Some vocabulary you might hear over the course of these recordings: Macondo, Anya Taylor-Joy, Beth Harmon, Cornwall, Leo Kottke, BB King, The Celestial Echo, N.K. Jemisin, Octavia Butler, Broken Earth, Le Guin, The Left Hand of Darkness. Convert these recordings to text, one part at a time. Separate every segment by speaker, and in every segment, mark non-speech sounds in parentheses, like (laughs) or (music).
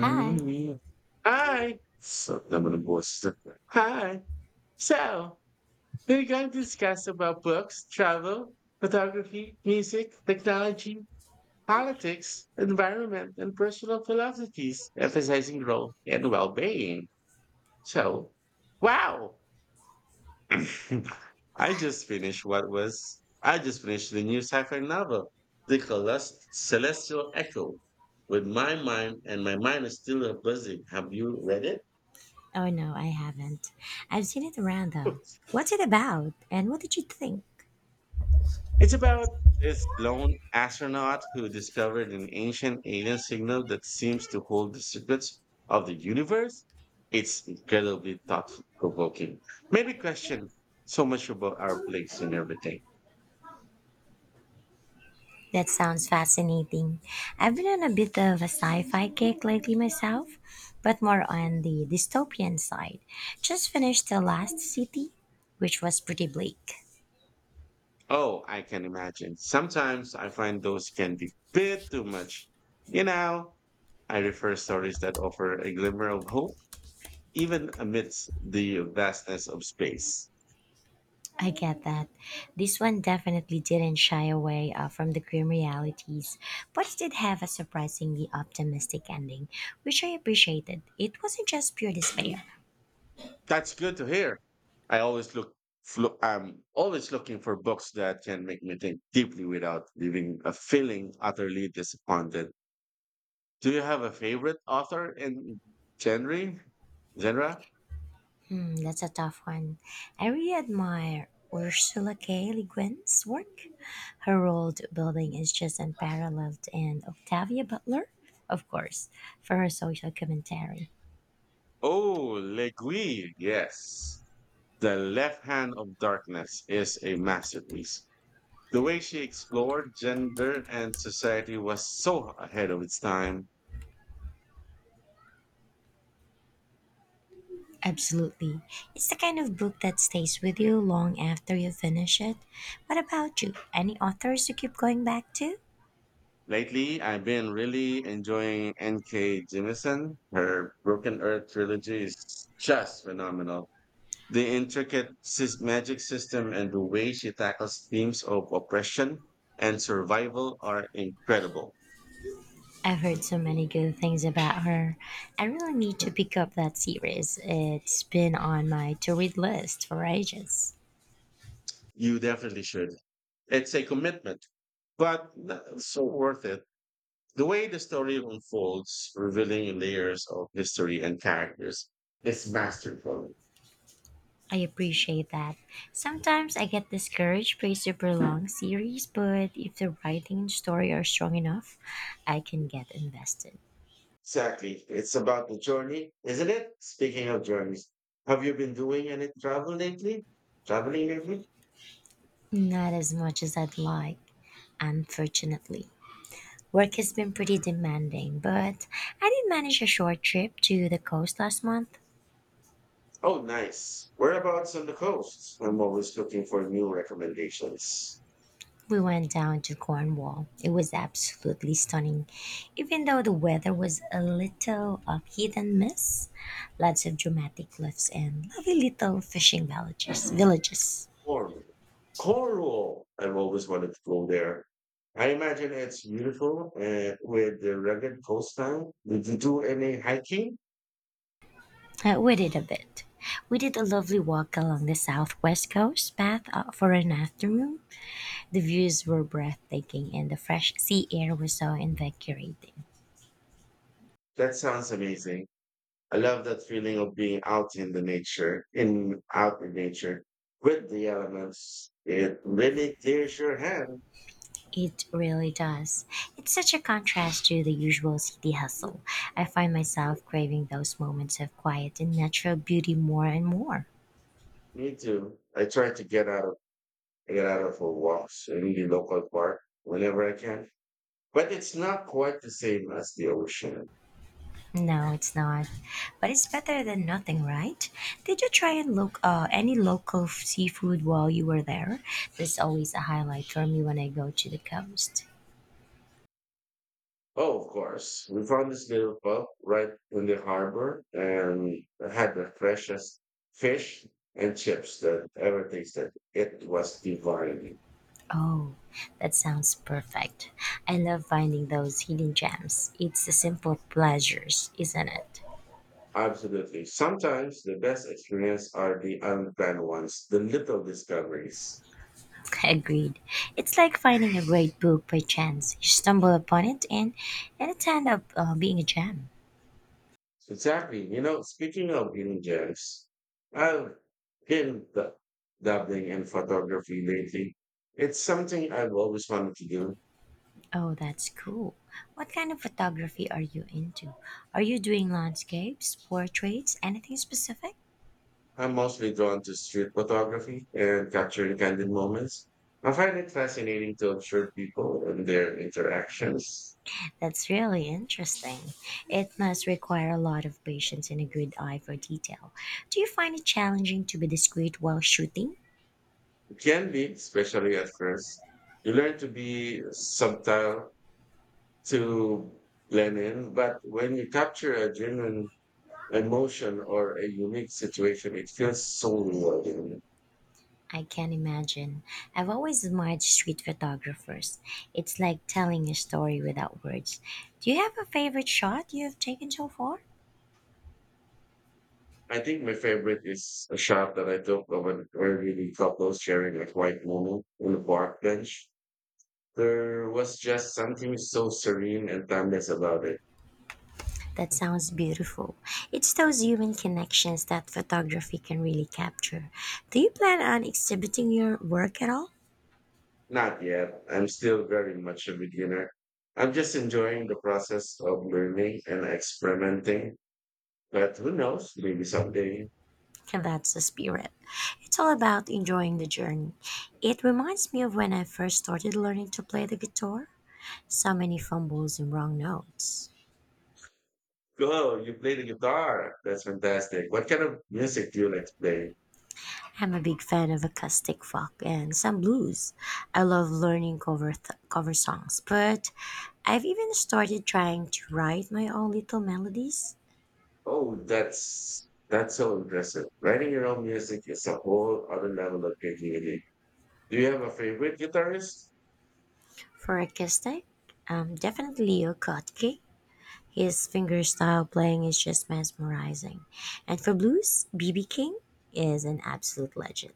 Speaker 1: Hi.
Speaker 2: Hi. So I'm gonna voice. Is different. Hi. So we're going to discuss about books, travel, photography, music, technology, politics, environment, and personal philosophies, emphasizing growth and well-being. So, wow! (laughs) I just finished the new sci-fi novel, Celestial Echo. With my mind and my mind is still a buzzing. Have you read it?
Speaker 1: Oh no, I haven't. I've seen it around though. What's it about? And what did you think?
Speaker 2: It's about this lone astronaut who discovered an ancient alien signal that seems to hold the secrets of the universe. It's incredibly thought provoking. Maybe question so much about our place and everything.
Speaker 1: That sounds fascinating. I've been on a bit of a sci-fi kick lately myself, but more on the dystopian side. Just finished The Last City, which was pretty bleak.
Speaker 2: Oh, I can imagine. Sometimes I find those can be bit too much. You know, I refer stories that offer a glimmer of hope, even amidst the vastness of space.
Speaker 1: I get that. This one definitely didn't shy away from the grim realities, but it did have a surprisingly optimistic ending, which I appreciated. It wasn't just pure despair.
Speaker 2: That's good to hear. I always look, I'm always looking for books that can make me think deeply without leaving a feeling utterly disappointed. Do you have a favorite author in genre? Genre?
Speaker 1: That's a tough one. I really admire Ursula K. Le Guin's work. Her world building is just unparalleled, and Octavia Butler, of course, for her social commentary.
Speaker 2: Oh, Le Guin. Yes. The Left Hand of Darkness is a masterpiece. The way she explored gender and society was so ahead of its time.
Speaker 1: Absolutely. It's the kind of book that stays with you long after you finish it. What about you? Any authors you keep going back to?
Speaker 2: Lately, I've been really enjoying N.K. Jemisin. Her Broken Earth trilogy is just phenomenal. The magic system and the way she tackles themes of oppression and survival are incredible.
Speaker 1: I've heard so many good things about her. I really need to pick up that series. It's been on my to read list for ages.
Speaker 2: You definitely should. It's a commitment, but so worth it. The way the story unfolds, revealing layers of history and characters, is masterful.
Speaker 1: I appreciate that. Sometimes I get discouraged by super long series, but if the writing and story are strong enough, I can get invested.
Speaker 2: Exactly. It's about the journey, isn't it? Speaking of journeys, have you been doing any travel lately? Traveling lately?
Speaker 1: Not as much as I'd like, unfortunately. Work has been pretty demanding, but I did manage a short trip to the coast last month.
Speaker 2: Oh, nice. Whereabouts on the coast? I'm always looking for new recommendations.
Speaker 1: We went down to Cornwall. It was absolutely stunning, even though the weather was a little hit and miss. Lots of dramatic cliffs and lovely little fishing villages.
Speaker 2: Cornwall. Cornwall. I've always wanted to go there. I imagine it's beautiful with the rugged coastline. Did you do any hiking?
Speaker 1: We did a bit. We did a lovely walk along the southwest coast path for an afternoon. The views were breathtaking, and the fresh sea air was so invigorating.
Speaker 2: That sounds amazing. I love that feeling of being out in the nature, in out in nature with the elements. It really clears your head.
Speaker 1: It really does. It's such a contrast to the usual city hustle. I find myself craving those moments of quiet and natural beauty more and more.
Speaker 2: Me too. I try to get out of for walks in the local park whenever I can, but it's not quite the same as the ocean.
Speaker 1: No, it's not. But it's better than nothing, right? Did you try and look any local seafood while you were there? There's always a highlight for me when I go to the coast.
Speaker 2: Oh, of course. We found this little pub right in the harbor and had the freshest fish and chips that ever tasted. It was divine.
Speaker 1: Oh, that sounds perfect. I love finding those hidden gems. It's the simple pleasures, isn't it?
Speaker 2: Absolutely. Sometimes the best experience are the unplanned ones, the little discoveries.
Speaker 1: Agreed. It's like finding a great book by chance. You stumble upon it, and it ends up being a gem.
Speaker 2: Exactly. You know, speaking of hidden gems, I've been d- dabbling in photography lately. It's something I've always wanted to do.
Speaker 1: Oh, that's cool. What kind of photography are you into? Are you doing landscapes, portraits, anything specific?
Speaker 2: I'm mostly drawn to street photography and capturing candid moments. I find it fascinating to observe people and their interactions.
Speaker 1: That's really interesting. It must require a lot of patience and a good eye for detail. Do you find it challenging to be discreet while shooting?
Speaker 2: It can be, especially at first. You learn to be subtle to Lenin. But when you capture a genuine emotion or a unique situation, it feels so rewarding.
Speaker 1: I can imagine. I've always admired street photographers. It's like telling a story without words. Do you have a favorite shot you have taken so far?
Speaker 2: I think my favorite is a shot that I took of an elderly couple sharing a quiet moment on the park bench. There was just something so serene and timeless about it.
Speaker 1: That sounds beautiful. It's those human connections that photography can really capture. Do you plan on exhibiting your work at all?
Speaker 2: Not yet. I'm still very much a beginner. I'm just enjoying the process of learning and experimenting. But who knows? Maybe someday.
Speaker 1: (laughs) And that's the spirit. It's all about enjoying the journey. It reminds me of when I first started learning to play the guitar. So many fumbles and wrong notes.
Speaker 2: Go, you play the guitar. That's fantastic. What kind of music do you like to play?
Speaker 1: I'm a big fan of acoustic folk and some blues. I love learning cover songs, but I've even started trying to write my own little melodies
Speaker 2: Oh, that's so impressive. Writing your own music is a whole other level of creativity. Do you have a favorite guitarist?
Speaker 1: for acoustic. Definitely Leo Kottke. His finger style playing is just mesmerizing. And for blues, BB King is an absolute legend.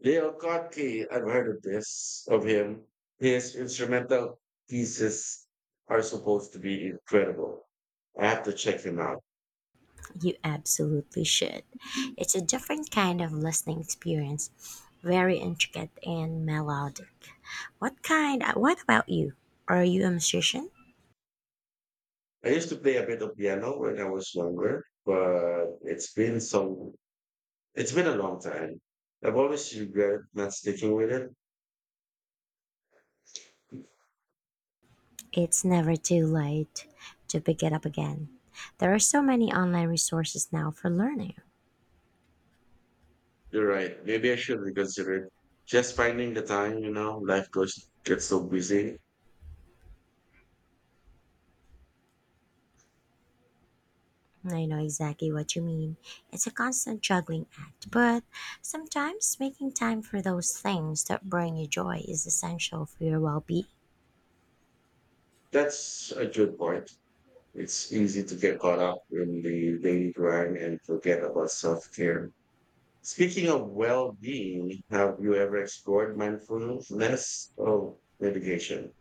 Speaker 2: Leo Kottke, I've heard of this, of him. His instrumental pieces are supposed to be incredible. I have to check him out.
Speaker 1: You absolutely should. It's a different kind of listening experience, very intricate and melodic. What kind? What about you? Are you a musician?
Speaker 2: I used to play a bit of piano when I was younger, but it's been so It's been a long time. I've always regret not sticking with it.
Speaker 1: It's never too late to pick it up again. There are so many online resources now for learning.
Speaker 2: You're right. Maybe I should reconsider it. Just finding the time, you know, life goes gets so busy.
Speaker 1: I know exactly what you mean. It's a constant juggling act, but sometimes making time for those things that bring you joy is essential for your well being.
Speaker 2: That's a good point. It's easy to get caught up in the daily grind and forget about self care. Speaking of well being, have you ever explored mindfulness or meditation?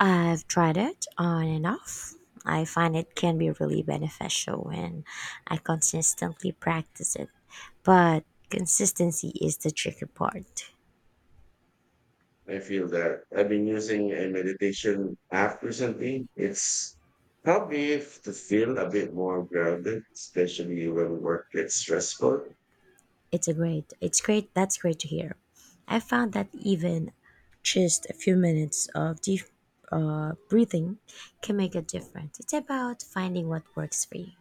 Speaker 1: I've tried it on and off. I find it can be really beneficial and I consistently practice it. But consistency is the tricky part.
Speaker 2: I feel that I've been using a meditation app recently. It's helped me f- to feel a bit more grounded, especially when work gets stressful.
Speaker 1: It's a great it's great that's great to hear. I found that even just a few minutes of deep breathing can make a difference. It's about finding what works for you.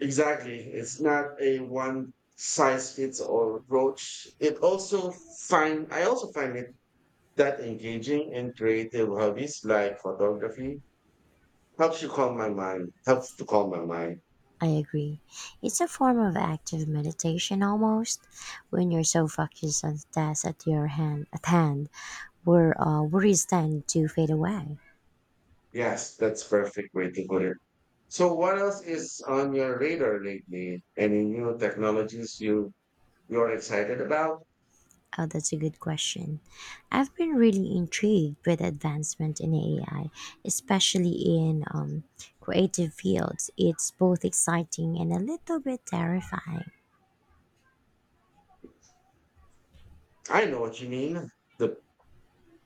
Speaker 2: Exactly. It's not a one size fits all approach. It also find I also find it that engaging in creative hobbies like photography helps you calm my mind. Helps to calm my mind.
Speaker 1: I agree. It's a form of active meditation almost when you're so focused on the task at hand, where worries tend to fade away.
Speaker 2: Yes, that's perfect way to put it. So what else is on your radar lately? Any new technologies you're excited about?
Speaker 1: Oh, that's a good question. I've been really intrigued with advancement in AI, especially in creative fields. It's both exciting and a little bit terrifying.
Speaker 2: I know what you mean. The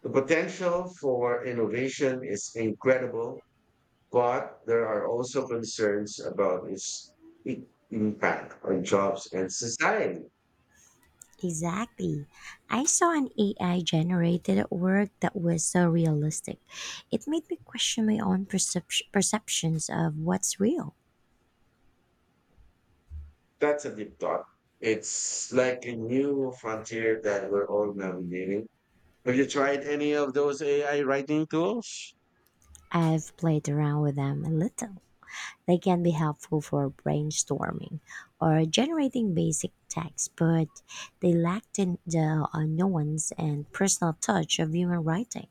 Speaker 2: the potential for innovation is incredible, but there are also concerns about its i- impact on jobs and society.
Speaker 1: Exactly. I saw an AI generated work that was so realistic. It made me question my own perceptions of what's real.
Speaker 2: That's a deep thought. It's like a new frontier that we're all navigating. Have you tried any of those AI writing tools?
Speaker 1: I've played around with them a little. They can be helpful for brainstorming or generating basic text, but they lack the nuance and personal touch of human writing,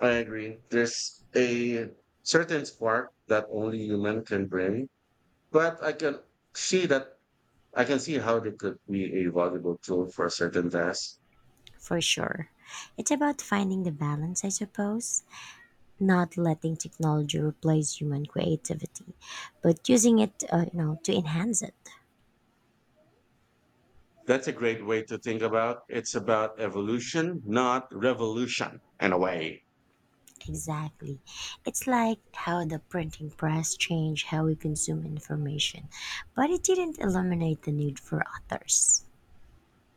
Speaker 2: I agree. There's a certain spark that only human can bring, but see that I can see how they could be a valuable tool for a certain tasks.
Speaker 1: for sure. It's about finding the balance, I suppose. Not letting technology replace human creativity, but using it, you know, to enhance it.
Speaker 2: That's a great way to think about. It's about evolution, not revolution, in a way.
Speaker 1: Exactly. It's like how the printing press changed how we consume information, but it didn't eliminate the need for authors.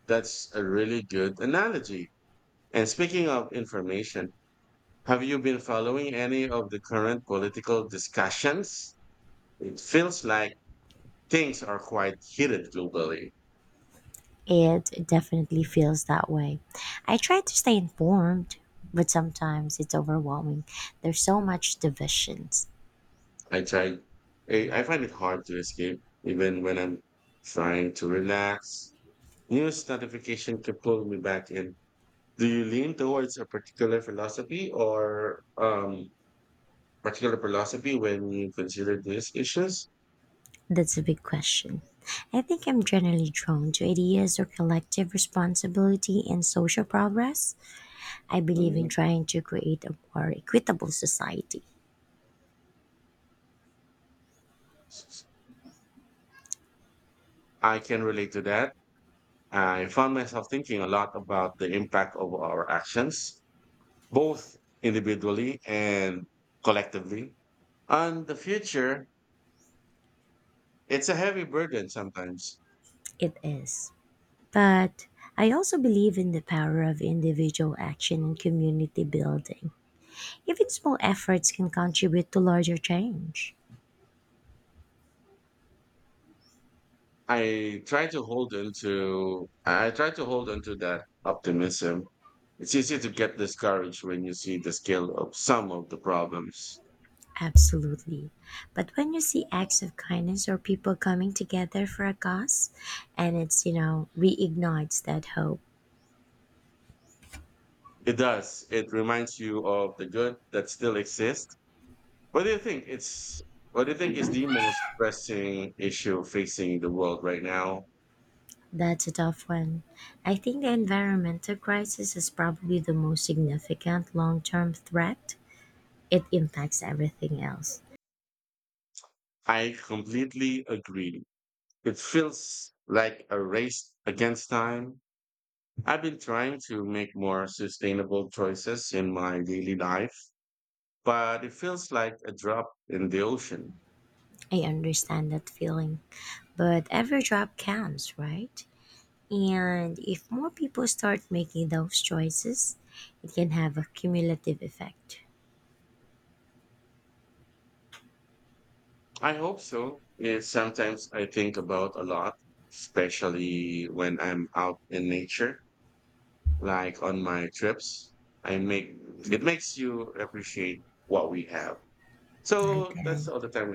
Speaker 2: That's a really good analogy. And speaking of information, have you been following any of the current political discussions? It feels like things are quite heated globally.
Speaker 1: It definitely feels that way. I try to stay informed, but sometimes it's overwhelming. There's so much division.
Speaker 2: I try. I find it hard to escape, even when I'm trying to relax. News notification can pull me back in. Do you lean towards a particular philosophy or particular philosophy when you consider these issues?
Speaker 1: That's a big question. I think I'm generally drawn to ideas of collective responsibility and social progress. I believe in
Speaker 2: Mm,
Speaker 1: trying to create a more equitable society.
Speaker 2: I can relate to that. I found myself thinking a lot about the impact of our actions, both individually and collectively, on the future. It's a heavy burden sometimes.
Speaker 1: It is. But I also believe in the power of individual action and community building. Even small efforts can contribute to larger change.
Speaker 2: I try to hold onto that optimism. It's easy to get discouraged when you see the scale of some of the problems.
Speaker 1: Absolutely. But when you see acts of kindness or people coming together for a cause, and it's, you know, reignites that hope.
Speaker 2: It does. It reminds you of the good that still exists. What do you think it's what do you think is the most pressing issue facing the world right now?
Speaker 1: That's a tough one. I think the environmental crisis is probably the most significant long term threat. It impacts everything else.
Speaker 2: I completely agree. It feels like a race against time. I've been trying to make more sustainable choices in my daily life but it feels like a drop in the ocean.
Speaker 1: I understand that feeling, but every drop counts, right? And if more people start making those choices, it can have a cumulative effect.
Speaker 2: I hope so. It's sometimes I think about a lot, especially when I'm out in nature, like on my trips. I make it makes you appreciate what we have. So
Speaker 1: Okay.
Speaker 2: that's all the time